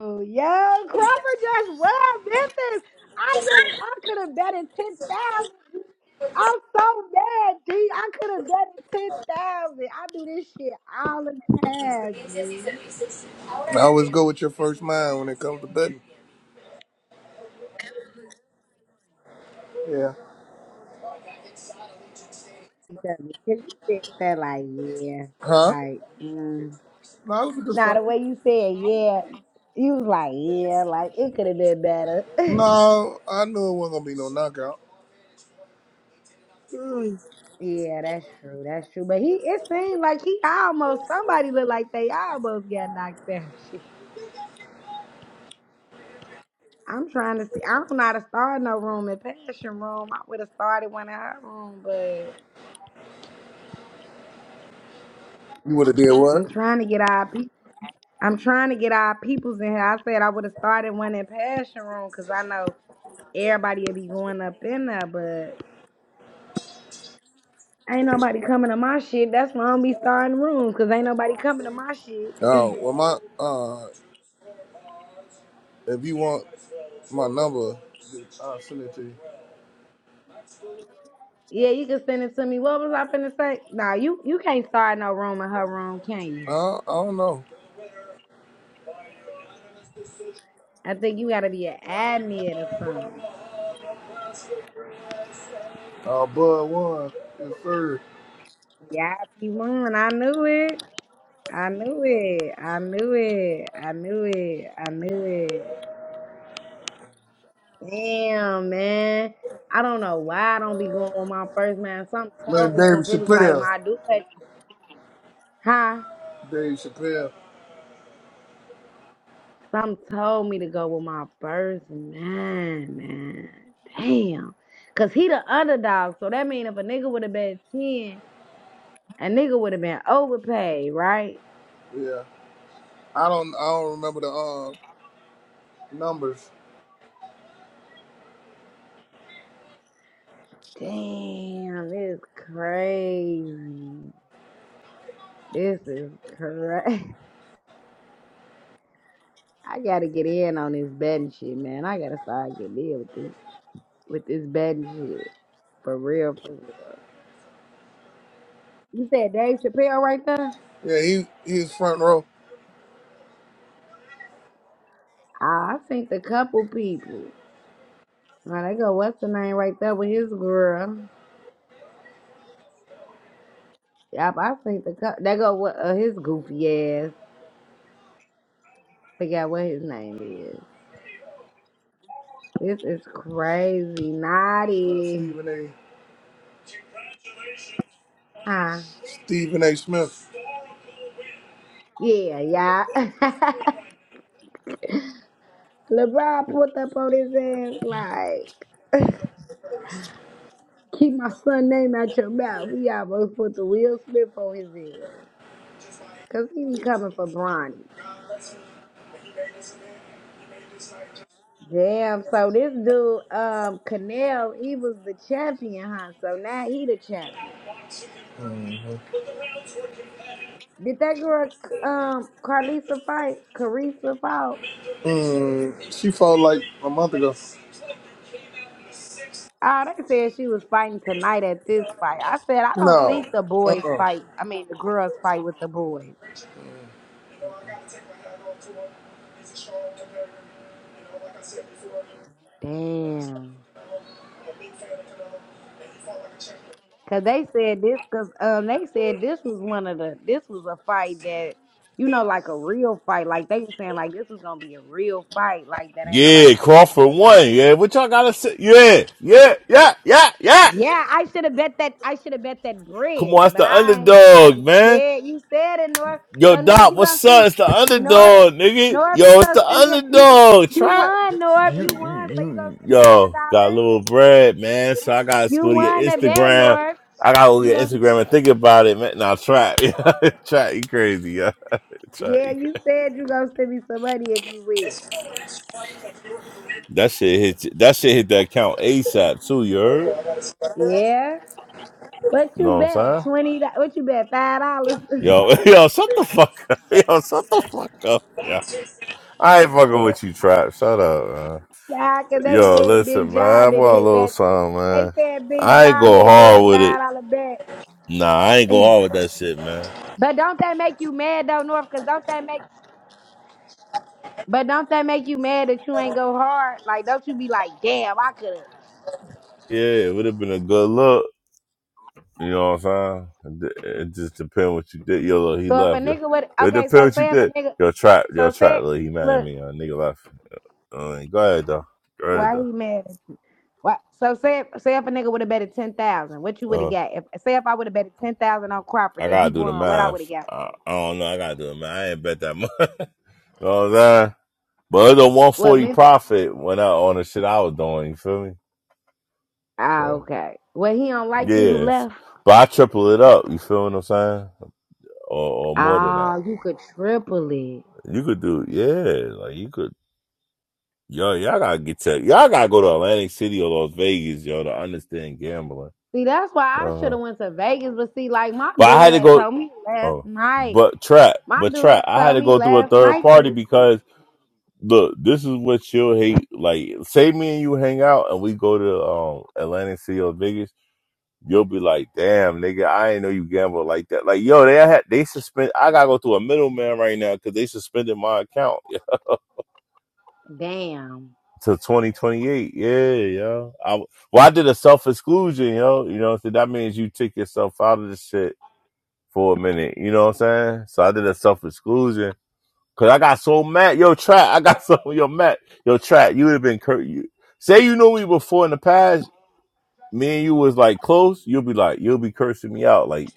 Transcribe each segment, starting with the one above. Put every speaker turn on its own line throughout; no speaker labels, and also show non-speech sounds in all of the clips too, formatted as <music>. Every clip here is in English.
Oh yeah, Crawford just well Memphis. I just I could have bet in ten thousand. I'm so mad, G. I could have bet in ten thousand. I do this shit all the time, G.
I always go with your first mind when it comes to betting. Yeah.
Because because you said that like yeah,
Huh?
like mm.
No, it was a good
nah,
fight.
the way you said yeah, you was like yeah, like it could have been better. <laughs>
No, I knew it wasn't gonna be no knockout. Mm.
yeah, that's true, that's true. But he it seemed like he almost somebody looked like they almost got knocked down. <laughs> I'm trying to see. I don't know how to start no room in passion room. I would have started one in her room, but
You would have did what?
I'm trying to get our people. I'm trying to get our peoples in here. I said I would have started one in passion room because I know everybody will be going up in there, but ain't nobody coming to my shit. That's why I don't be starting rooms because ain't nobody coming to my shit.
Oh, well, my uh, if you want my number, I'll send it to you.
<laughs> yeah, you can send it to me. What was I finna say? Nah, you you can't start no room in her room, can you?
Uh, I don't know.
I think you gotta be an admin or something.
Uh, Bud won. Yes, sir.
Yeah, I be one. I knew it. I knew it. I knew it. I knew it. I knew it. Damn, man. I don't know why I don't be going with my first man. Something
Man,
told me because
David
it was like
Chappelle.
my dude. Huh?
Dave Chappelle.
Something told me to go with my first man, man. Damn. Cause he the underdog. So that mean if a nigga would have been 10, a nigga would have been overpaid, right?
Yeah. I don't. I don't remember the uh numbers.
Damn, this is crazy. This is crazy. <laughs> I gotta get in on this betting shit, man. I gotta start getting in with this with this betting shit. For real, for real. You said Dave Chappelle right there?
Yeah, he he's front row.
Ah, I seen the couple people. Now they go, what's the name right there with his girl? Yep, I seen the couple. They go, what uh, his goofy ass. Forgot what his name is. This is crazy,
Uh,
naughty.
Stephen A.
Huh?
Stephen A. Smith.
Yeah, yeah. <laughs> LeBron put up on his ass like. Keep my son name out your mouth. We almost put the Will Smith on his ass. Cause he be coming for Bronny. Damn, so this dude, um, Canel, he was the champion, huh? So now he the champion. Did that girl um Carlisa fight? Carissa fought.
Mm, she fought like a month ago.
Ah, they said she was fighting tonight at this fight. I said I don't
No.
think the
Uh
boys
uh
fight I mean the girls fight with the boys. Damn. Cause they said this, cause um they said this was one of the this was a fight that you know like a real fight. Like they were saying like this was gonna be a real fight. Like that ain't nobody.
Yeah, Crawford won. Yeah, what y'all gotta say? Yeah, yeah, yeah, yeah, yeah.
Yeah, I should have bet that. I should have bet that
Come
bread,
on, it's
but
the
I ain't- I
underdog,
was
man.
scared. You said it, North.
Yo,
So North,
Doc,
you gonna
what's up?
send
It's the
North,
underdog, nigga.
North, you
Yo, it's
gonna
the
send me a, you
underdog.
you
Try
won, North.
you,
You
you,
won, so you gonna
you.
send me a hundred
Yo, got a
dollars.
little bread, man. So I gotta
You
go to your
won the bet,
Instagram.
North.
I gotta go to
You
your
gonna
Instagram and think about it, man. Now try, <laughs> try, you crazy, yo. Trap,
yeah?
you crazy.
You said you gonna send me some money if you win.
That shit hit. That shit hit the account ASAP too. You heard?
Yeah. What
You Know
you
what I'm
bet?
saying?
Twenty do- what you bet? Five dollars? <laughs>
Yo, <laughs> yo, shut the fuck up. <laughs> Yo, shut the fuck up. Yeah. I ain't fucking with you, Trap. Shut up, man.
Nah, cause they
Yo,
said big
listen, man. I
job in
want a
hit
little
bet.
something,
They
man.
said big
I ain't
job
go
been doing
hard with it.
five dollar bet.
Nah, I
<clears throat>
ain't go
<sighs>
hard with that shit, man.
but don't that make you mad though, North? Cause don't that make but don't that make you mad that you ain't go hard? Like don't you be like, damn, I could've.
Yeah, it would have been a good look. You know what I'm saying? It it just depend what you did. Yo, look, he
So if a
left. Yo,
nigga would
it
okay,
depend
so
what you
say if a
did.
nigga
Yo, Trap. Yo,
so
Trap.
say
Look, he mad at
look,
me. Yo, nigga left. Uh, go ahead, though. Go ahead,
why
though.
he mad? What? So say if, say if a nigga would have betted ten thousand, what you would
Uh,
have got? If say if I would have betted ten thousand on Cropper
I
that
gotta
he
do the
won, what I would have
math.
got?
I, I don't know. I gotta do the math. I ain't bet that much. <laughs> you know what I'm saying? But it's a
What
140
Memphis.
profit when I on the shit I was doing. You feel me?
Ah,
So
okay. Well, he don't like
yeah,
you who
it's-
left.
but I triple it up. You feel what I'm saying? Or, or more than that.
Ah, you could triple it.
You could do yeah. Like you could. Yo, y'all gotta get to y'all gotta go to Atlantic City or Las Vegas, yo, to understand gambling.
See, that's why I should
Uh-huh.
have went to Vegas. But see, like my
But I had
dude
to
had
go.
told me last
Oh,
night.
but trap,
My
but
dude
trap.
had
I had
told
to
me
go through a
last
third
night that.
party
he,
because. look, this is what you'll hate. Like, say me and you hang out and we go to um Atlantic City or Vegas, you'll be like, damn, nigga, I ain't know you gamble like that. Like, yo, they had they suspend. I gotta go through a middleman right now because they suspended my account
Damn.
<laughs> to twenty twenty eight. Yeah, yo. I well, I did a self exclusion, yo. You know, so that means you took yourself out of the shit for a minute. You know what I'm saying? So I did a self exclusion Cause I got so mad. Yo, Trap, I got <laughs> so yo Matt. Yo, Trap, you would have been cur- you say you knew me before in the past, me and you was like close, you'll be like, you'll be cursing me out like,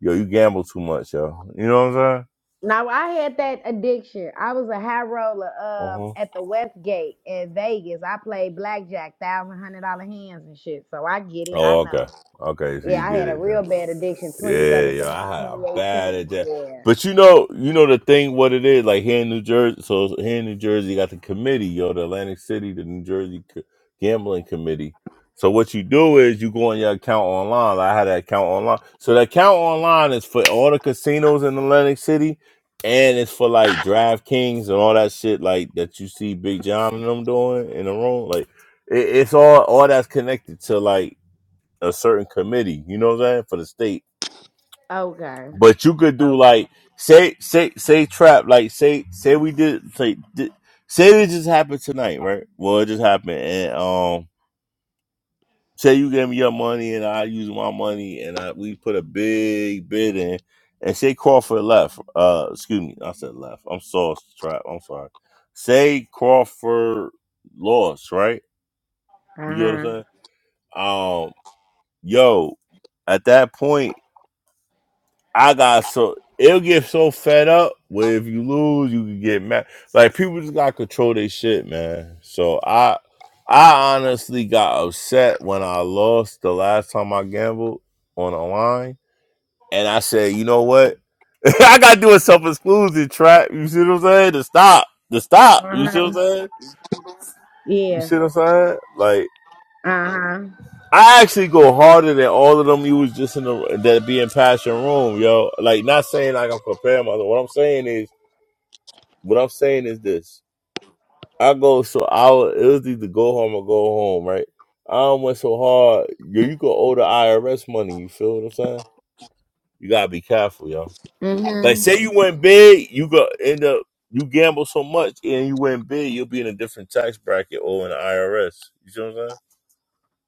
yo, you gamble too much, yo. You know what I'm saying?
Now I had that addiction. I was a high roller um
Uh huh.
at the Westgate in Vegas. I played blackjack, thousand hundred dollar hands and shit. So I get it. I
Oh, okay.
know.
Okay, so you
Yeah, I
get
had a
it then.
real bad addiction, Twenty
Yeah, yeah.
seventeen,
I had
twenty
a bad
eighteen.
at that. But you know, you know the thing what it is, like here in New Jersey so here in New Jersey you got the committee, yo, the Atlantic City, the New Jersey C- gambling committee. So what you do is you go on your account online. Like, I had an account online. So the account online is for all the casinos in Atlantic City and it's for like DraftKings and all that shit like that you see Big John and them doing in the room. Like it, it's all all that's connected to like a certain committee, you know what I'm saying, for the state.
Yeah. Okay.
But you could do
Oh.
like say say say trap like say say we did say di- say it just happened tonight, right? Well, it just happened, and um, say you gave me your money and I use my money, and I we put a big bid in, and say Crawford left. Uh, excuse me, I said left. I'm sorry, trap. I'm sorry. Say Crawford lost, right? You know what I'm
Uh huh.
saying? Um, yo, at that point. I got so it'll get so fed up where if you lose, you can get mad. Like people just gotta control their shit, man. So I I honestly got upset when I lost the last time I gambled on a line. And I said, you know what? <laughs> I gotta do a self-exclusion trap. You see what I'm saying? To stop. To stop. You
Uh
see what I'm
huh.
saying? You
Yeah.
see what I'm saying? Like
Uh huh.
I actually go harder than all of them. You was just in the that being passion room, yo. Like not saying like I'm comparing myself. What I'm saying is What I'm saying is this: I go so I was- it was either go home or go home, right? I done went so hard, yo, you could owe the IRS money. You feel what I'm saying? You gotta be careful, yo. Like,
Mhm.
say you went big, you go end up you gamble so much and you went big, you'll be in a different tax bracket owing the IRS. You see what I'm saying?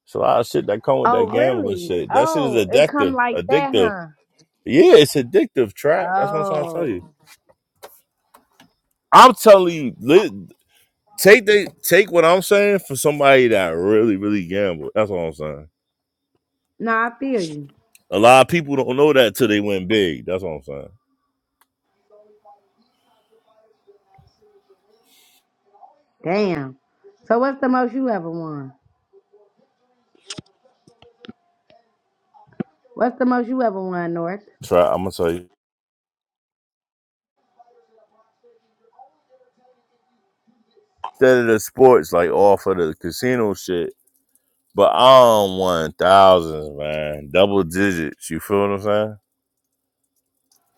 So a lot of shit that come with that
Oh
gambling
really?
shit. That shit is
Oh, it come
addictive.
like that,
Addictive.
huh?
Yeah, it's addictive. Trap. That's what I'm trying to tell you.
Oh.
I'm telling you. li- Take they take what I'm saying for somebody that really, really gambled. That's what I'm saying.
No, I feel you.
A lot of people don't know that till they win big. That's what I'm saying.
Damn. So what's the most you ever won? What's the most you ever won, North?
Try I'm gonna tell you. Instead of the sports, like off of the casino shit, but I don't want thousands, man. Double digits. You feel what I'm saying?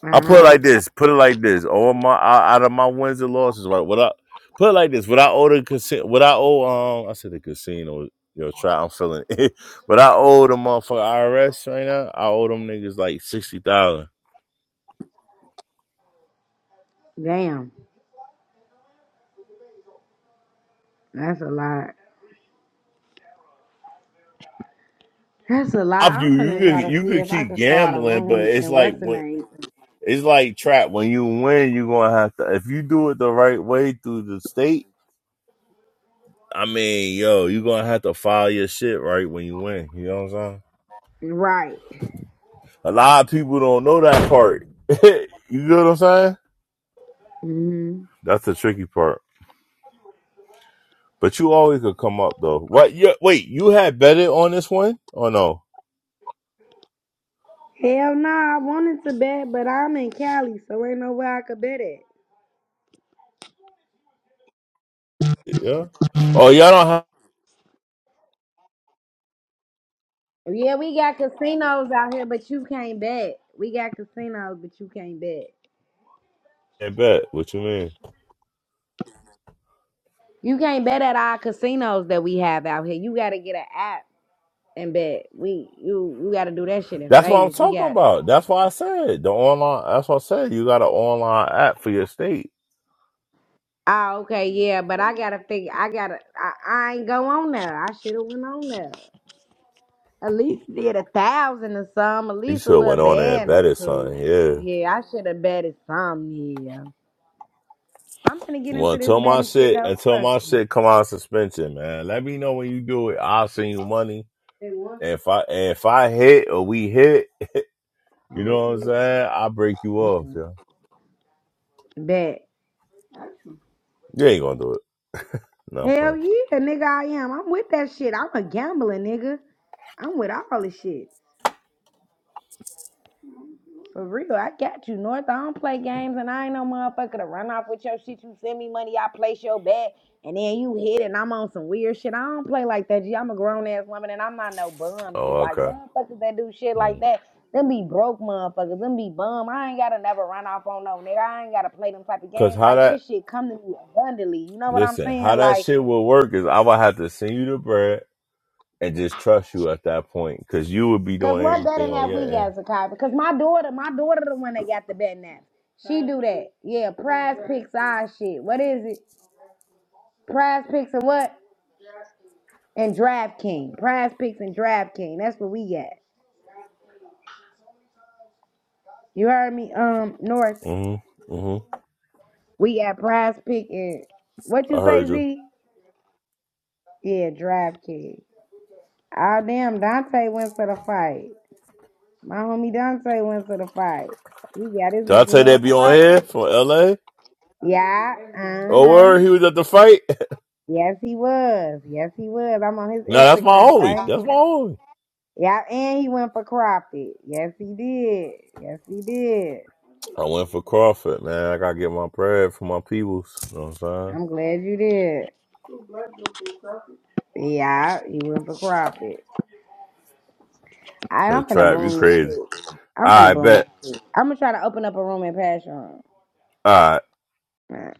Uh
I put it
huh.
like this. Put it like this. All my out out of my wins and losses, right? What I put it like this. What I owe the casino. What I owe. Um, I said the casino. Yo, try. I'm feeling. It. <laughs> What I owe the motherfucker IRS right now. I owe them niggas like sixty thousand.
Damn, that's a lot. That's a lot.
Up you.
I'm
You
gonna try
could.
to
You
see
could
if I
keep
can start a
gambling, but
room
it's
and
like
what's the
when.
name?
It's like trap. When you win, you gonna have to. If you do it the right way through the state, I mean, yo, you gonna have to file your shit right when you win. You know what I'm saying?
Right.
A lot of people don't know that part. <laughs> you know what I'm saying?
Mm
That's the tricky part. But you always could come up though. What? Yeah, wait, you had betted on this one or no?
hmm Hell nah. I wanted to bet, but I'm in Cali, so ain't no way I could bet it.
Yeah. Oh, y'all don't have
Yeah, we got casinos out here, but you can't bet. We got casinos, but you can't bet.
to bet. What you mean?
You can't bet at our casinos that we have out here. You gotta get an app and bet. We you you gotta do that shit in
That's what I'm
Vegas. We
talking
got
about. That's why I said the online. That's what I said. You got an online app for your state.
Oh, okay, yeah, but I gotta figure. I gotta. I, I ain't go on there. I should have went on there. At least did a thousand or some. At
You
least a
should have went
little
on there and
band or
betted
two.
something. Yeah.
Yeah, I should have betted some. Yeah, I'm gonna get
Well,
into this
until my
betting shit
shit,
though.
until my
Trust me.
shit come out of suspension, man. Let me know when you do it. I'll send you money. And if I and if I hit or we hit, You know what I'm saying? I break you off,
Mhm.
yeah.
Bet.
You ain't gonna do it. No fun.
Hell yeah, nigga, I am. I'm with that shit. I'm a gambler, nigga. I'm with all this shit. For real, I got you, North. I don't play games, and I ain't no motherfucker to run off with your shit. You send me money, I place your bet, and then you hit it, and I'm on some weird shit. I don't play like that, G. I'm a grown ass woman, and I'm not no bum, G.
Oh,
Like
okay.
motherfuckers that do shit like
Mm.
that, them be broke motherfuckers, them be bum. I ain't gotta never run off on no nigga. I ain't gotta play them type of
Cause
games
how
like
that
this. Shit come to me abundantly. You know what I'm
listen,
saying?
how that
Like,
shit will work is I would have to send you the bread and just trust you at that point. Cause you would be
cause
doing
what
everything
betting
on
that
your
we
end.
got, Zakai? Because my daughter, my daughter, the one that got the betting app. She do that. Yeah, prize picks our shit. What is it? Prize Picks and what? And DraftKings. Prize Picks and DraftKings. That's what we got. You heard me, um, North.
Mm-hmm. Mm-hmm.
We got Prize Pick and what
I
you say,
heard you.
Z? Yeah, DraftKings. Oh damn, Dante went to the fight. My homie Dante went to the fight. He got his
Did I tell
money
you that
on
be on
crop.
here from LA?
Yeah, uh
Oh word, he
huh.
was at the fight. <laughs>
Yes, he was. Yes, he was. I'm on his
No, that's my
Instagram right
homie.
now.
That's my homie.
Yeah, and he went for crappie. Yes, he did. Yes, he did.
I went for Crawford, man. I gotta get my bread for my peoples. You know what I'm
I'm glad you did. Yeah, you went for profit. I,
saying? The
I'm finna
trap, you
bloom this
crazy.
shit.
All
I'm finna
right,
bloom
bet.
this shit. I'm gonna try to open up a room in Passion
All right.
Room.